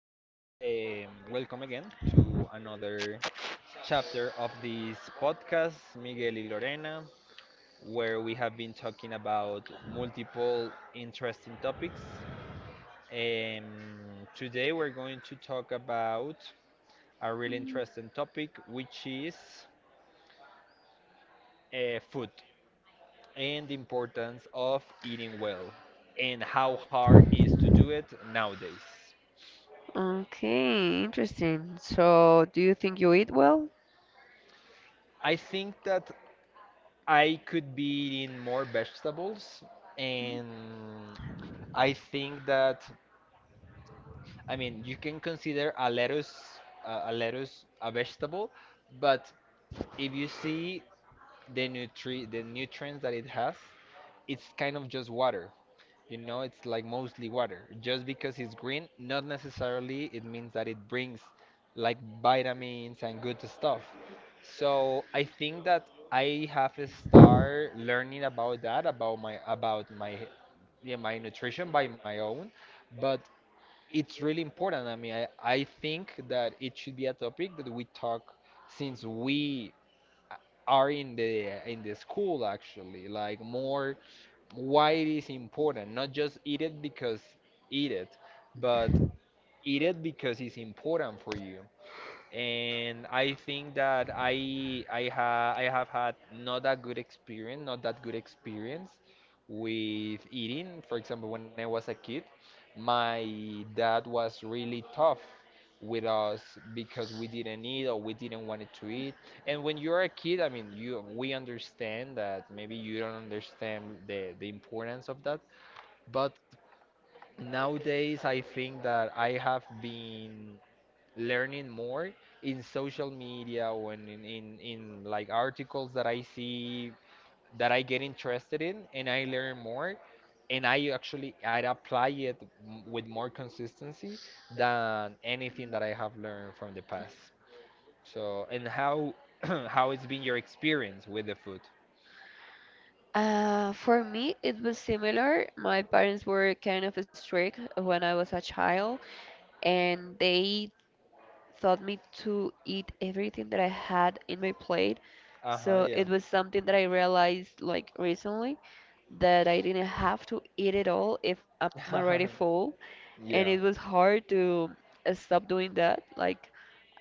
welcome again to another chapter of this podcast, Miguel y Lorena, where we have been talking about multiple interesting topics. Today we're going to talk about a really interesting topic, which is food and the importance of eating well and how hard is to do it nowadays. Okay, interesting. So, do you think you eat well? I think that I could be eating more vegetables, and I think that, I mean, you can consider a lettuce, a lettuce a vegetable, but if you see the nutrients that it has, it's kind of just water. You know, it's like mostly water. Just because it's green, not necessarily it means that it brings, like, vitamins and good stuff. So I think that I have to start learning about that, about my yeah, my nutrition by my own, but it's really important. I mean, I think that it should be a topic that we talk since we uh, are in the school actually, like more why it is important, not just eat it because eat it, but eat it because it's important for you. And I think that I ha I have had not that good experience, not that good experience with eating. For example, when I was a kid, my dad was really tough with us because we didn't eat or we didn't want to eat. And when you're a kid, I mean, you we understand that maybe you don't understand the importance of that, but nowadays, I think that I have been learning more in social media or in, like, articles that I see that I get interested in, and I learn more and I actually I apply it with more consistency than anything that I have learned from the past. So, and how how it's been your experience with the food? For me, it was similar. My parents were kind of strict when I was a child, and they taught me to eat everything that I had in my plate. Uh-huh, So yeah. it was something that I realized like recently that I didn't have to eat it all if I'm already full. And it Yeah. was hard to stop doing that. Like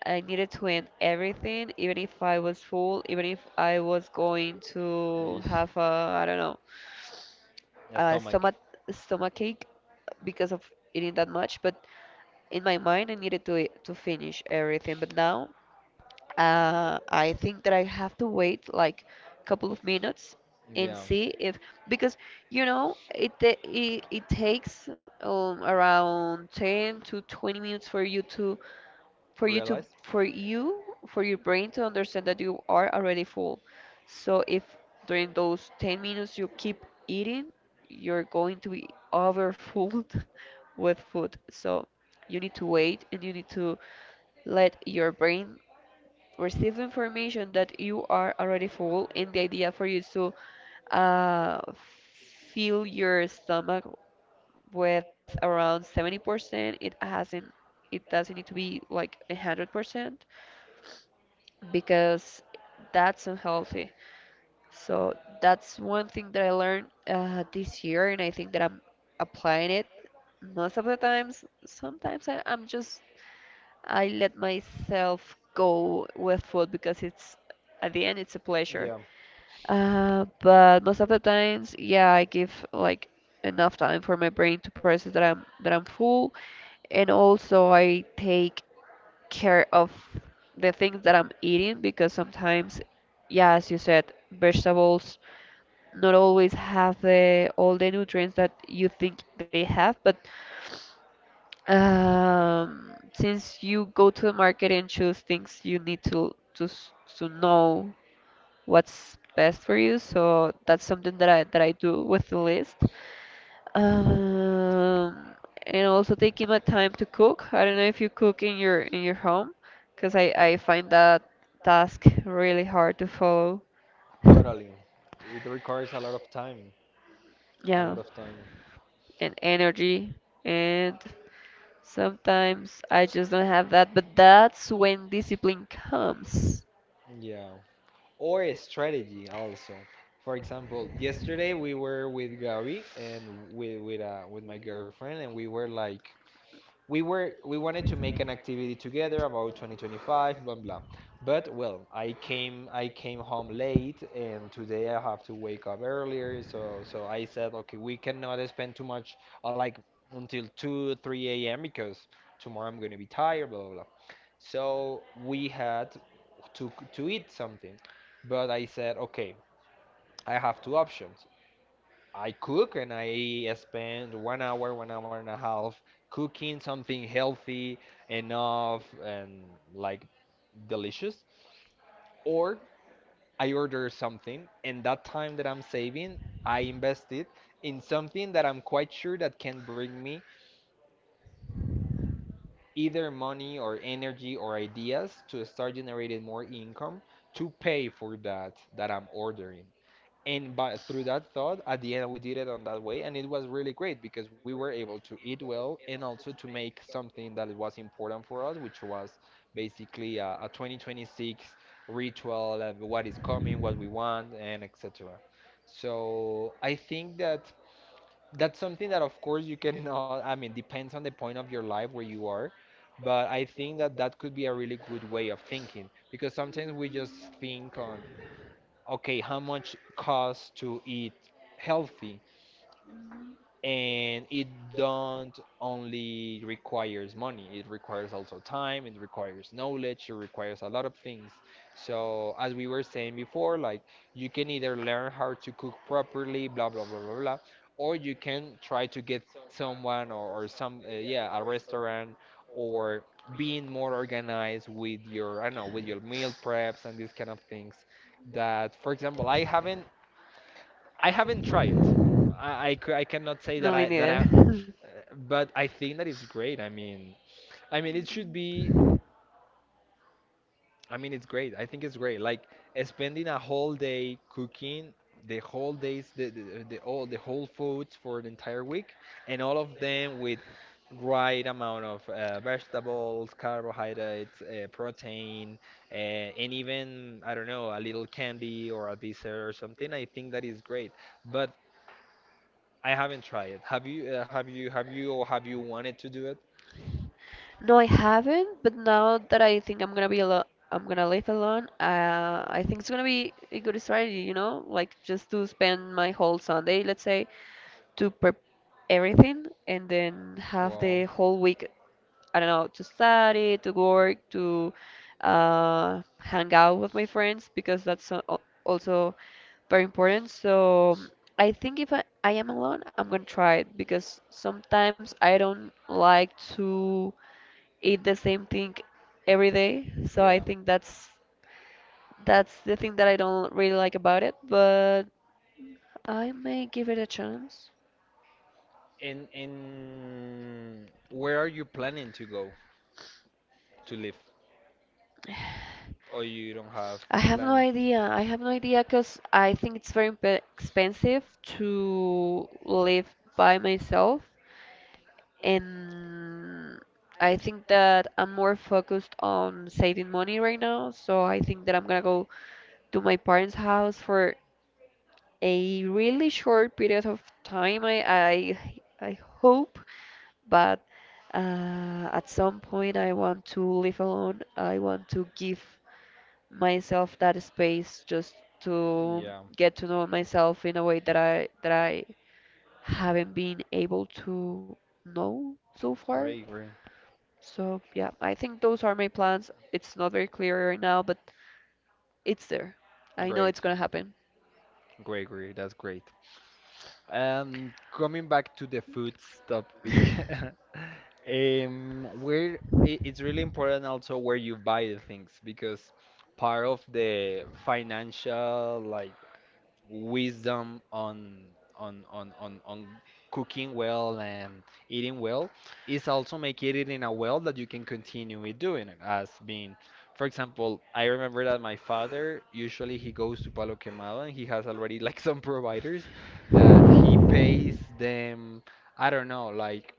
I needed to end everything, even if I was full, even if I was going to Ish. have a, I don't know, A a stomach. Stomachache because of eating that much. But in my mind, I needed to finish everything. But now I think that I have to wait like a couple of minutes and Yeah. see if, because you know it takes around 10 to 20 minutes for you to, for you to Realize? for you for your brain to understand that you are already full. So if during those 10 minutes you keep eating, you're going to be overfull with food. So you need to wait and you need to let your brain receive information that you are already full, and the idea for you is to uh, fill your stomach with around 70%. It hasn't, it doesn't need to be like 100%, because that's unhealthy. So that's one thing that I learned this year, and I think that I'm applying it most of the times. Sometimes I'm just, I let myself go with food because it's, at the end, it's a pleasure. Yeah. But most of the times, yeah, I give like enough time for my brain to process that I'm full, and also I take care of the things that I'm eating because sometimes, yeah, as you said, vegetables not always have the all the nutrients that you think they have. But since you go to the market and choose things, you need to s- to know what's best for you. So that's something that I do with the list. Um, and also taking my time to cook. I don't know if you cook in your home, because I find that task really hard to follow. Totally. It requires a lot of time. A lot Yeah, of time. and energy, and sometimes I just don't have that, but that's when discipline comes. Yeah. Or a strategy also. For example, yesterday we were with Gabby and with my girlfriend and we were like, we wanted to make an activity together about 2025, blah blah. But well, I came home late and today I have to wake up earlier, so I said, okay, we cannot spend too much like until 2 3 a.m. because tomorrow I'm going to be tired, blah, blah, blah. So we had to eat something, but I said, okay, I have two options. I cook and I spend 1 hour, 1 hour and a half cooking something healthy enough and, like, delicious, or I order something, and that time that I'm saving, I invest it in something that I'm quite sure that can bring me either money or energy or ideas to start generating more income to pay for that that I'm ordering. And by through that thought, at the end we did it on that way, and it was really great because we were able to eat well and also to make something that was important for us, which was basically a 2026 ritual of what is coming, what we want, and etc. So I think that that's something that, of course, you cannot, I mean, depends on the point of your life where you are, but I think that that could be a really good way of thinking, because sometimes we just think on, okay, how much costs to eat healthy, and it don't only requires money, it requires also time, it requires knowledge, it requires a lot of things. So as we were saying before, like, you can either learn how to cook properly, blah blah blah blah blah, or you can try to get someone or some yeah, a restaurant, or being more organized with your, I don't know, with your meal preps and these kind of things, that, for example, I haven't tried it. I cannot say No, that me I, neither. but I think that it's great. I mean it should be. I mean it's great. I think it's great. Like, spending a whole day cooking the whole days the all the whole foods for the entire week, and all of them with right amount of vegetables, carbohydrates, protein, uh, and even, I don't know, a little candy or a dessert or something. I think that is great. But I haven't tried it. Have you? Have you? Have you? Or have you wanted to do it? No, I haven't, but now that I think I'm gonna be alone, I'm gonna live alone. I think it's gonna be a good strategy, you know? Like just to spend my whole Sunday, let's say, to prep everything and then have the Wow. whole week, I don't know, to study, to work, to hang out with my friends because also very important. So I think if I am alone, I'm gonna try it because sometimes I don't like to eat the same thing every day. So Yeah. I think that's the thing that I don't really like about it, but I may give it a chance. In where are you planning to go to live? Or you don't have I have no plan? idea. I have no idea because I think it's very imp expensive to live by myself, and I think that I'm more focused on saving money right now. So I think that I'm gonna go to my parents' house for a really short period of time. I hope, but at some point I want to live alone. I want to give myself that space, just to Yeah. get to know myself in a way that I haven't been able to know so far. Great. Great. So yeah, I think those are my plans. It's not very clear right now, but it's there. I know it's Great. gonna happen. Great. Great. That's great. Coming back to the foods topic. Where it's really important also where you buy the things, because part of the financial, like, wisdom on on cooking well and eating well is also making it in a well that you can continue with doing it as being. For example, I remember that my father usually he goes to Palo Quemado and he has already, like, some providers that he pays them, I don't know,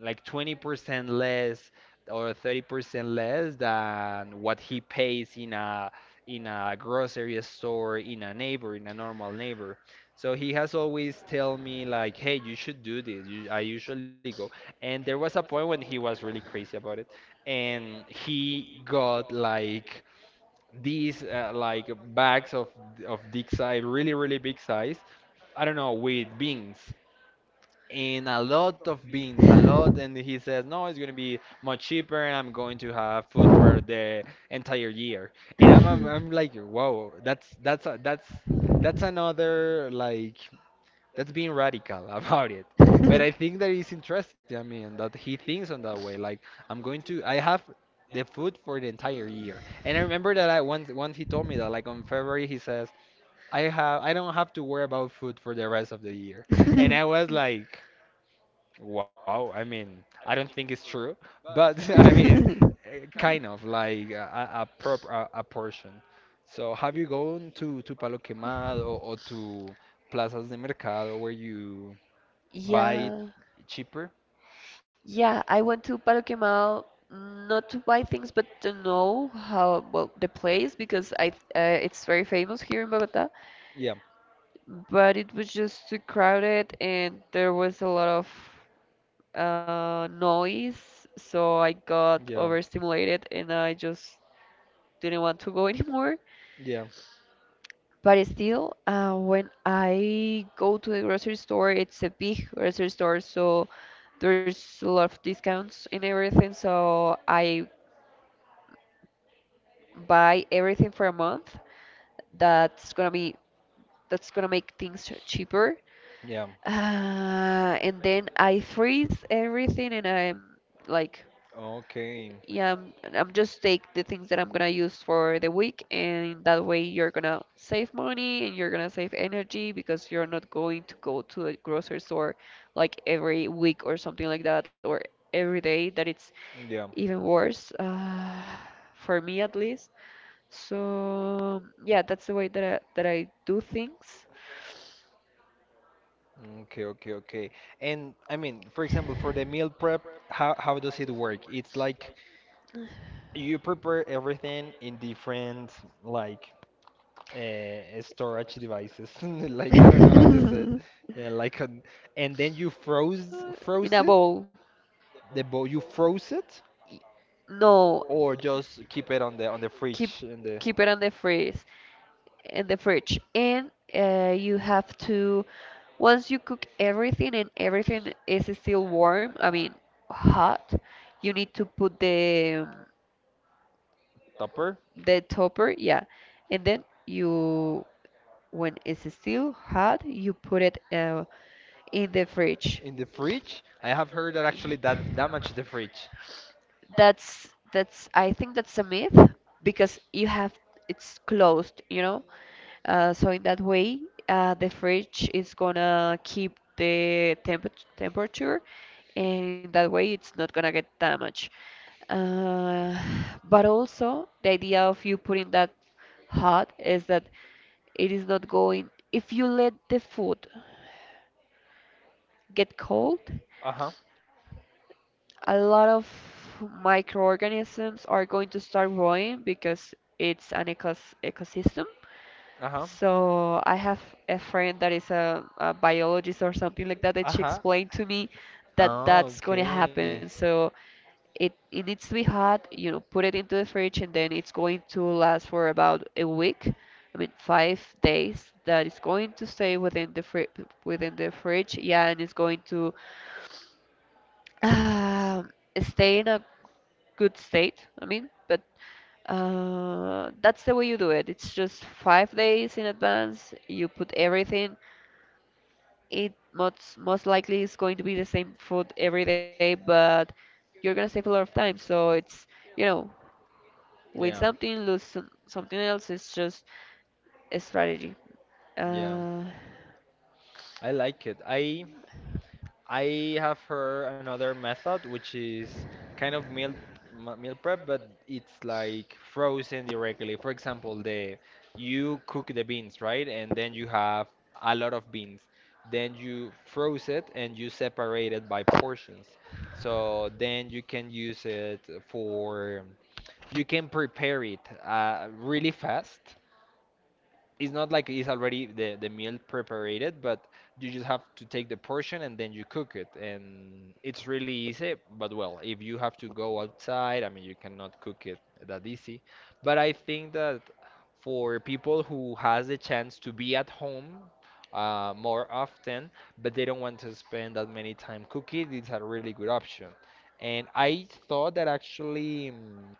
like 20% less or 30% less than what he pays in a grocery store in a neighbor, in a normal neighbor. So he has always tell me, like, hey, you should do this, you, I usually go. And there was a point when he was really crazy about it, and he got like these like bags of big size, really really big size, I don't know, with beans, in a lot of beans, a lot. And he says, "No, it's going to be much cheaper, and I'm going to have food for the entire year." And I'm I'm like, "Whoa, that's that's another like that's being radical about it." But I think that is interesting. I mean, that he thinks on that way. Like, I'm going to I have the food for the entire year. And I remember that I once once he told me that like on February he says, I don't have to worry about food for the rest of the year." And I was like, wow, I mean, I don't think it's true, but I mean, eh, kind of like a portion. So, have you gone to Palo Quemado or to plazas de mercado where you buy it Yeah, cheaper? yeah, I went to Paroquemal, not to buy things, but to know how, well, the place, because I, it's very famous here in Bogota. Yeah, But it was just too crowded and there was a lot of noise, so I got yeah, overstimulated and I just didn't want to go anymore. yeah, But still, when I go to the grocery store, it's a big grocery store, so there's a lot of discounts in everything. So I buy everything for a month. That's gonna be that's gonna make things cheaper. yeah. And then I freeze everything and I'm like, Okay, yeah, I'm just take the things that I'm gonna use for the week, and that way you're gonna save money and you're gonna save energy because you're not going to go to a grocery store like every week or something like that, or every day, that it's yeah, even worse, for me at least. So yeah, that's the way that I do things. okay, okay, okay. And I mean, for example, for the meal prep, how does it work? It's like you prepare everything in different, like, storage devices, like, I don't know how to say it. Yeah, like an, and then you In froze a it, bowl. the bowl you froze it, No, or just keep it on the keep fridge in the Keep it on the freeze, in the fridge, and you have to, once you cook everything and everything is still warm, I mean, hot, you need to put tupper the topper, yeah. And then you, when it's still hot, you put it in the fridge. in the fridge. I have heard that actually that damaged the fridge. That's I think that's a myth because you have, it's closed, you know. So in that way, the fridge is gonna keep the temperature, and in that way, it's not gonna get damaged. Uh, but also, the idea of you putting that hot is that it is not going. If you let the food get cold, Uh-huh. a lot of microorganisms are going to start growing because it's an ecosystem. Uh-huh. So I have a friend that is a biologist or something like that, and she Uh-huh. explained to me that Oh, that's going to okay. happen. So it needs to be hot, you know, put it into the fridge, and then it's going to last for about a week. I mean, 5 days that it's going to stay within the fri within the fridge, yeah, and it's going to um stay in a good state, I mean. But that's the way you do it. It's just 5 days in advance. You put everything. It most most likely is going to be the same food every day, but you're gonna save a lot of time. So it's, you know, win Yeah. something, lose some, something else. It's just a strategy. Yeah, Uh, I like it. I have heard another method, which is kind of meal meal prep, but it's like frozen directly. For example, the you cook the beans, right? And then you have a lot of beans. Then you froze it and you separate it by portions. So then you can use it for, you can prepare it really fast. It's not like it's already the meal prepared, but you just have to take the portion and then you cook it, and it's really easy. But well, if you have to go outside, I mean, you cannot cook it that easy. But I think that for people who has the chance to be at home more often, but they don't want to spend that many time cooking, it's a really good option. And I thought that actually, mm,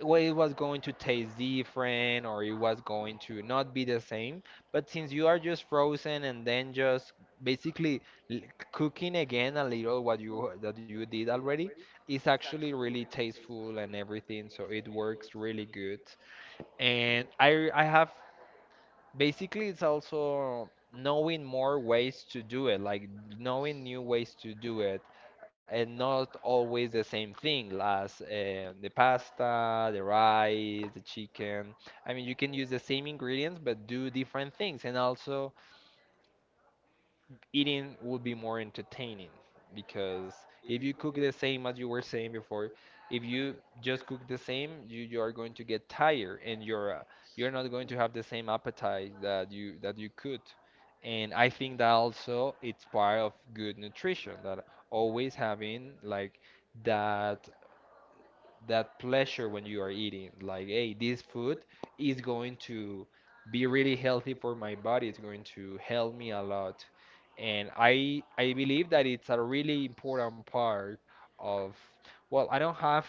well, it was going to taste different or it was going to not be the same. But since you are just frozen and then just basically l- cooking again a little what you that you did already, it's actually really tasteful and everything. So it works really good. And I have basically it's also knowing more ways to do it, like, knowing new ways to do it, and not always the same thing as, the pasta, the rice, the chicken. I mean, you can use the same ingredients but do different things, and also eating would be more entertaining, because if you cook the same, as you were saying before, if you just cook the same, you are going to get tired and you're, you're not going to have the same appetite that you could. And I think that also it's part of good nutrition, that always having like that that pleasure when you are eating, like, hey, this food is going to be really healthy for my body, it's going to help me a lot. And I believe that it's a really important part of, well i don't have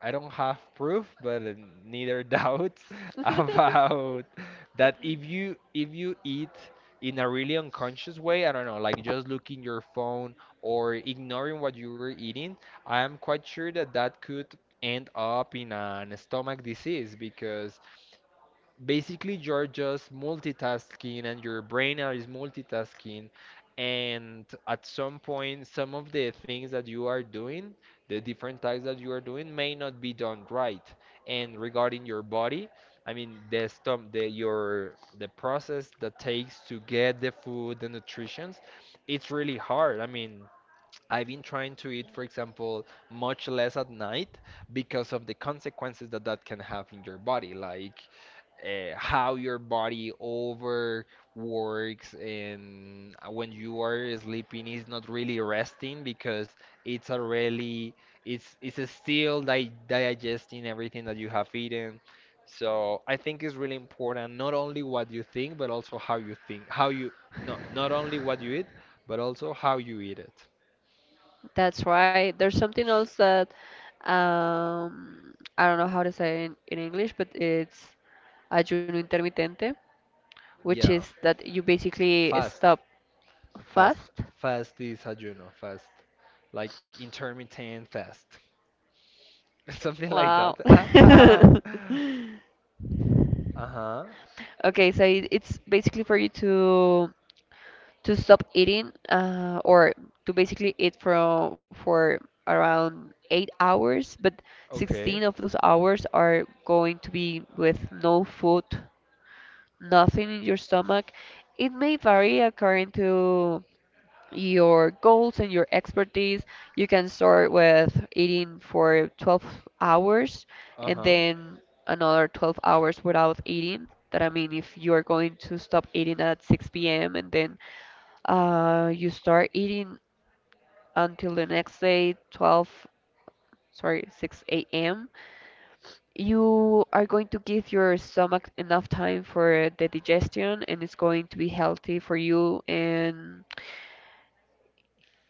I don't have proof, but neither doubts about that, if you eat in a really unconscious way, I don't know, like just looking your phone or ignoring what you were eating, I am quite sure that that could end up in an stomach disease, because basically you're just multitasking and your brain is multitasking, and at some point some of the things that you are doing, the different tasks that you are doing may not be done right. And regarding your body, I mean, the stom the your the process that takes to get the food, the nutrition, it's really hard. I mean, I've been trying to eat, for example, much less at night because of the consequences that that can have in your body. Like, how your body overworks, and when you are sleeping is not really resting because it's already it's still di digesting everything that you have eaten. So I think it's really important, not only what you think but also how you think, how you no not only what you eat but also how you eat it. that's right. There's something else that, I don't know how to say it in English, but it's ayuno intermitente, which Yeah. is that you basically Fast, stop, fast, fast. fast is ayuno, fast, like intermittent fast. Something like that. Uh huh. Okay, so it's basically for you to stop eating, or to basically eat from for around 8 hours, but 16 Okay. of those hours are going to be with no food, nothing in your stomach. It may vary according to your goals and your expertise. You can start with eating for 12 hours Uh and huh. then another 12 hours without eating. That, I mean, if you're going to stop eating at 6 p.m. and then you start eating until the next day, 12, sorry, 6 a.m., you are going to give your stomach enough time for the digestion, and it's going to be healthy for you. And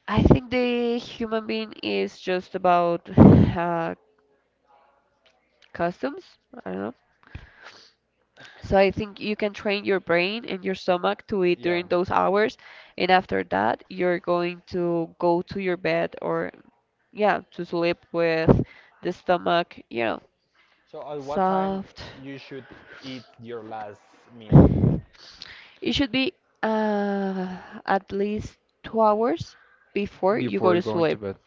I think the human being is just about customs. I don't know. So I think you can train your brain and your stomach to eat during Yeah. those hours, and after that, you're going to go to your bed or, yeah, to sleep with the stomach, you know, So at what time soft. you should eat your last meal? It should be uh, at least 2 hours before you go to Before going sleep. to bed.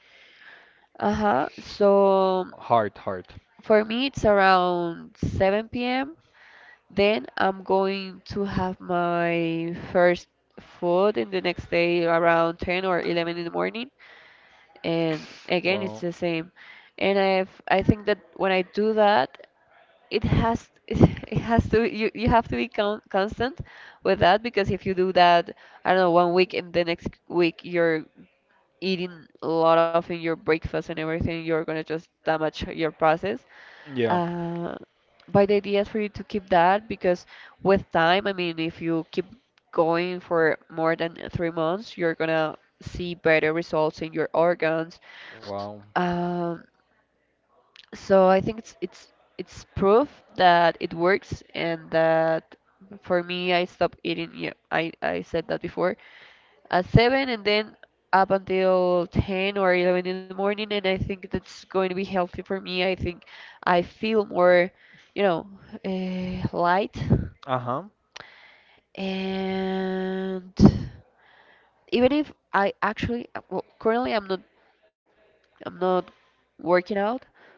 Uh-huh. So Hard, hard. for me, it's around 7 p.m. Then I'm going to have my first food in the next day around 10 or 11 in the morning. And again, it's Well, the same. And I think that when I do that, it has it has to, you have to be constant with that, because if you do that, I don't know, 1 week, and the next week you're eating a lot of in your breakfast and everything, you're gonna just damage your process. yeah. Uh, but the idea is for you to keep that because with time, I mean, if you keep going for more than 3 months, you're gonna see better results in your organs. Wow. Um, so I think it's it's proof that it works, and that for me I stopped eating, yeah, I said that before, at 7, and then up until 10 or 11 in the morning, and I think that's going to be healthy for me. I think I feel more, you know, light. Uh huh. And even if I actually, well, currently I'm not working out,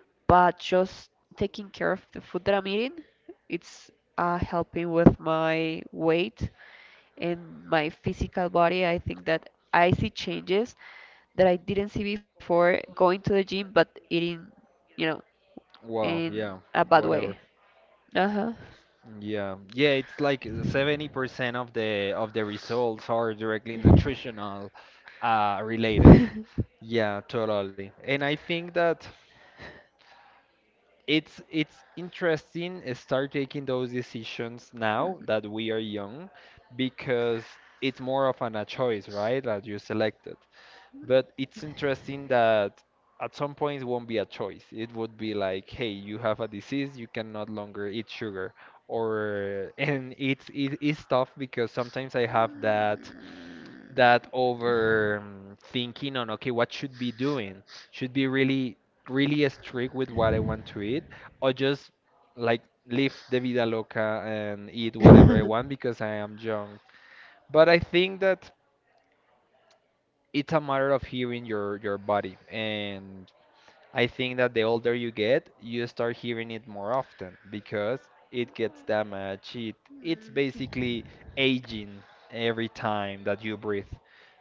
but just taking care of the food that I'm eating, it's helping with my weight and my physical body. I think that I see changes that I didn't see before going to the gym, but eating, you know, Wow. in Yeah. a bad way. Whatever. Uh huh. Yeah. Yeah. It's like 70% of the results are directly nutritional related. Yeah, totally. And I think that it's interesting, start taking those decisions now that we are young, because it's more of an a choice, right? That you selected. But it's interesting that at some point it won't be a choice. It would be like, hey, you have a disease, you can no longer eat sugar. Or and it is tough, because sometimes I have that that over thinking on, okay, what should be doing, should be really really strict with what I want to eat, or just, like, live the vida loca and eat whatever I want because I am young. But I think that it's a matter of hearing your body. And I think that the older you get, you start hearing it more often because it gets damaged. It, it's basically aging every time that you breathe.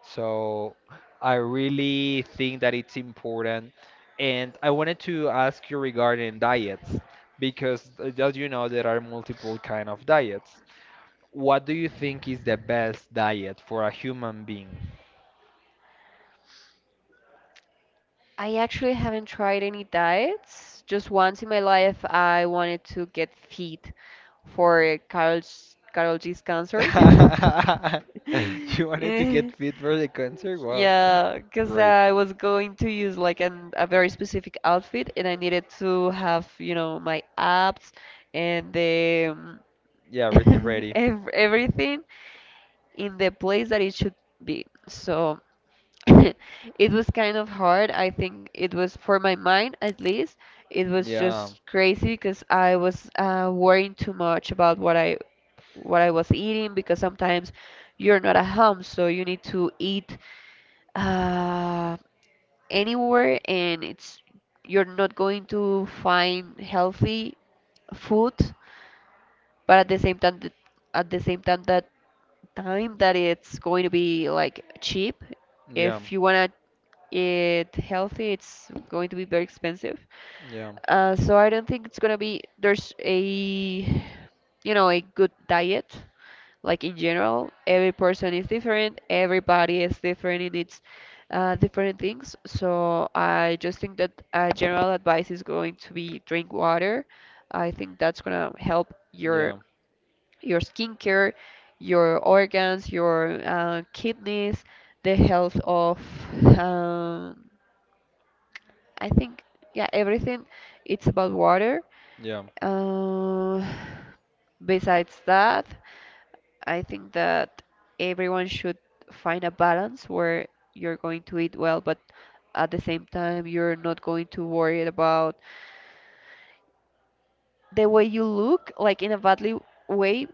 So I really think that it's important. And I wanted to ask you regarding diets, because, as you know, there are multiple kind of diets. What do you think is the best diet for a human being? I actually haven't tried any diets. Just once in my life, I wanted to get fit for Carol G's concert. You wanted to get fit for the concert? Wow. Yeah, because Great. I was going to use like an, a very specific outfit and I needed to have, you know, my abs and the Yeah, everything ready. ev everything in the place that it should be. So it was kind of hard. I think it was for my mind, at least. It was Yeah, just crazy because I was worrying too much about what I was eating, because sometimes you're not at home, so you need to eat uh, anywhere, and it's, you're not going to find healthy food, but at the same time, th- at the same time that time, that it's going to be like cheap. yeah, If you wanna eat healthy, it's going to be very expensive. yeah, So I don't think it's gonna be, there's a, you know, a good diet, like in general. Every person is different, everybody is different in its different things. So I just think that, general advice is going to be drink water. I think that's going to help yeah, your skincare, your organs, your kidneys, the health of, um, I think, yeah, everything. It's about water. yeah, uh, Besides that, I think that everyone should find a balance where you're going to eat well, but at the same time, you're not going to worry about the way you look, like in a badly way,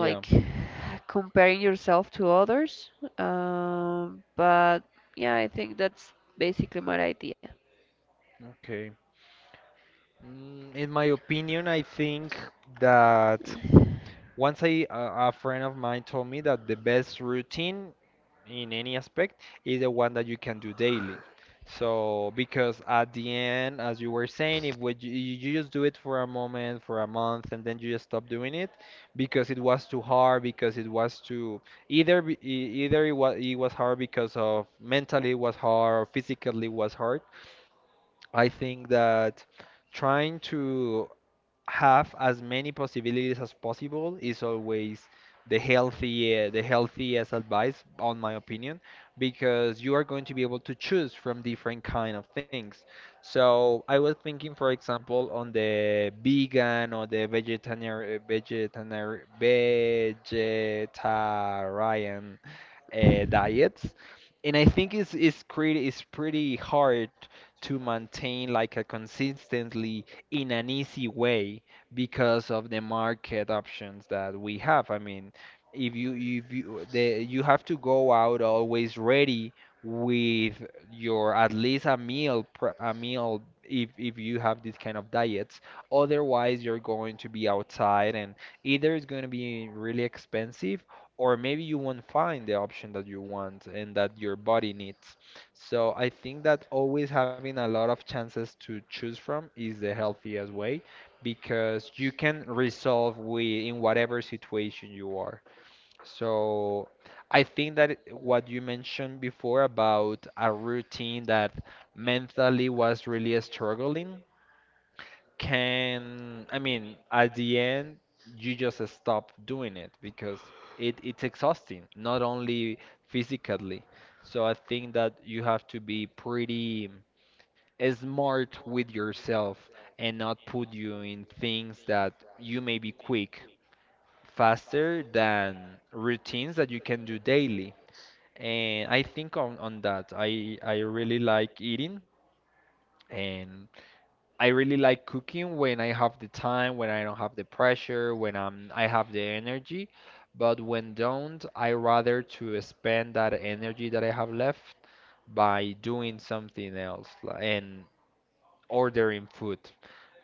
yeah. comparing yourself to others. But yeah, I think that's basically my idea. Okay. In my opinion, I think that. Once I, a friend of mine told me that the best routine in any aspect is the one that you can do daily. So, because at the end, as you were saying, if what you just do it for a moment, for a month, and then you just stop doing it because it was too hard, because it was too either it was hard because of mentally it was hard, or physically it was hard. I think that trying to have as many possibilities as possible is always the healthy, the healthiest advice on my opinion, because you are going to be able to choose from different kind of things. So I was thinking, for example, on the vegan or the vegetarian vegetarian diets. And I think it's it's pretty hard to maintain like a consistently in an easy way because of the market options that we have. I mean, if you have to go out always ready with your, at least a a meal, if you have this kind of diets. Otherwise, you're going to be outside and either it's going to be really expensive, or maybe you won't find the option that you want and that your body needs. So I think that always having a lot of chances to choose from is the healthiest way, because you can resolve with in whatever situation you are. So I think that what you mentioned before about a routine that mentally was really struggling can, I mean, at the end, you just stop doing it because it's exhausting, not only physically. So I think that you have to be pretty smart with yourself, and not put you in things that you may be quick faster than routines that you can do daily. And I think on that, I really like eating. And I really like cooking when I have the time, when I don't have the pressure, when I have the energy. But when don't, I rather to spend that energy that I have left by doing something else, and ordering food,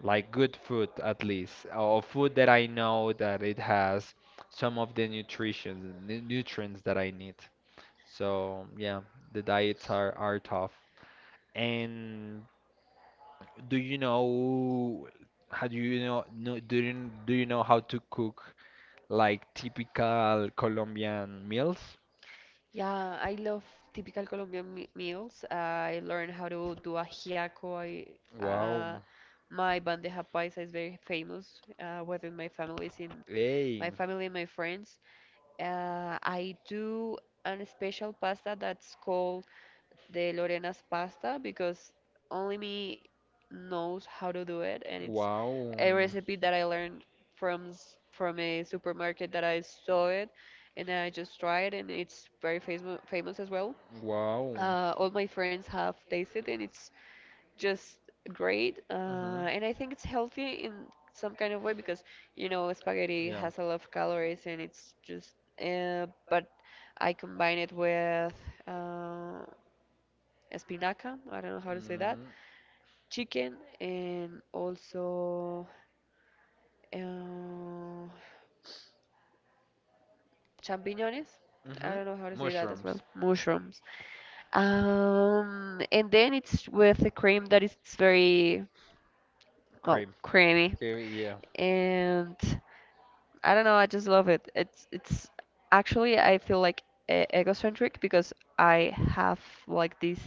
like good food at least, or food that I know that it has some of the nutrients that I need. So yeah, the diets are tough. And do you know how do you know no, do you know how to cook like typical Colombian meals? Yeah, I love typical Colombian me meals. I learned how to do ajiaco. Wow. uh, my bandeja paisa is very famous within my families in Hey. my family and my friends. I do an special pasta that's called the Lorena's pasta because only me knows how to do it, and it's Wow. a recipe that I learned from a supermarket that I saw it, and I just tried, and it's very famous as well. Wow. All my friends have tasted, and it's just great. Mhm. And I think it's healthy in some kind of way because you know spaghetti Yeah. has a lot of calories, and it's just but I combine it with, Uh, espinaca, I don't know how to say that, Mm, chicken, and also uh, champiñones. I mhm. don't know how to say that as well. Mushrooms. Mushrooms. And then it's with a cream that is very, well, Cream. creamy. Yeah, yeah. And I don't know, I just love it. It's actually, I feel like e egocentric because I have like this,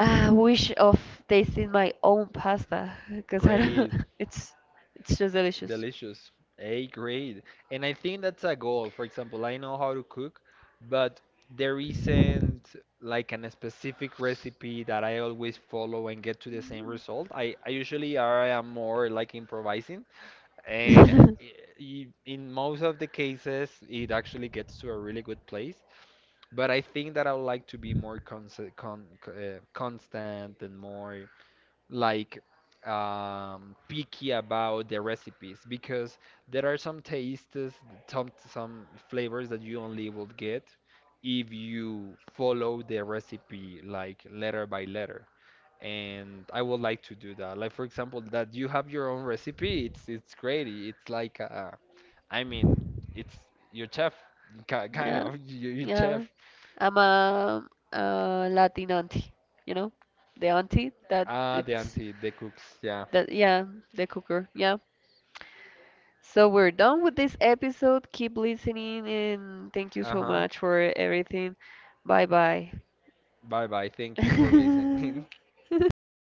I wish of tasting my own pasta because I don't, Great. it's it's just delicious. Delicious. A grade, and I think that's a goal. For example, I know how to cook, but there isn't like an specific recipe that I always follow and get to the same result. I usually are I am more like improvising, and yeah, in most of the cases, it actually gets to a really good place. But I think that I would like to be more constant and more like picky about the recipes, because there are some tastes, some flavors that you only will get if you follow the recipe, like, letter by letter. And I would like to do that. Like, for example, that you have your own recipe. It's great. It's like I mean, it's your chef, kind of, your you chef. yeah. I'm a Latin auntie, you know, the auntie that Ah, the it's auntie, the cooks. Yeah. that yeah, the cooker, yeah. So we're done with this episode. Keep listening, and thank you so Uh-huh. much for everything. Bye bye. Bye bye. Thank you for listening.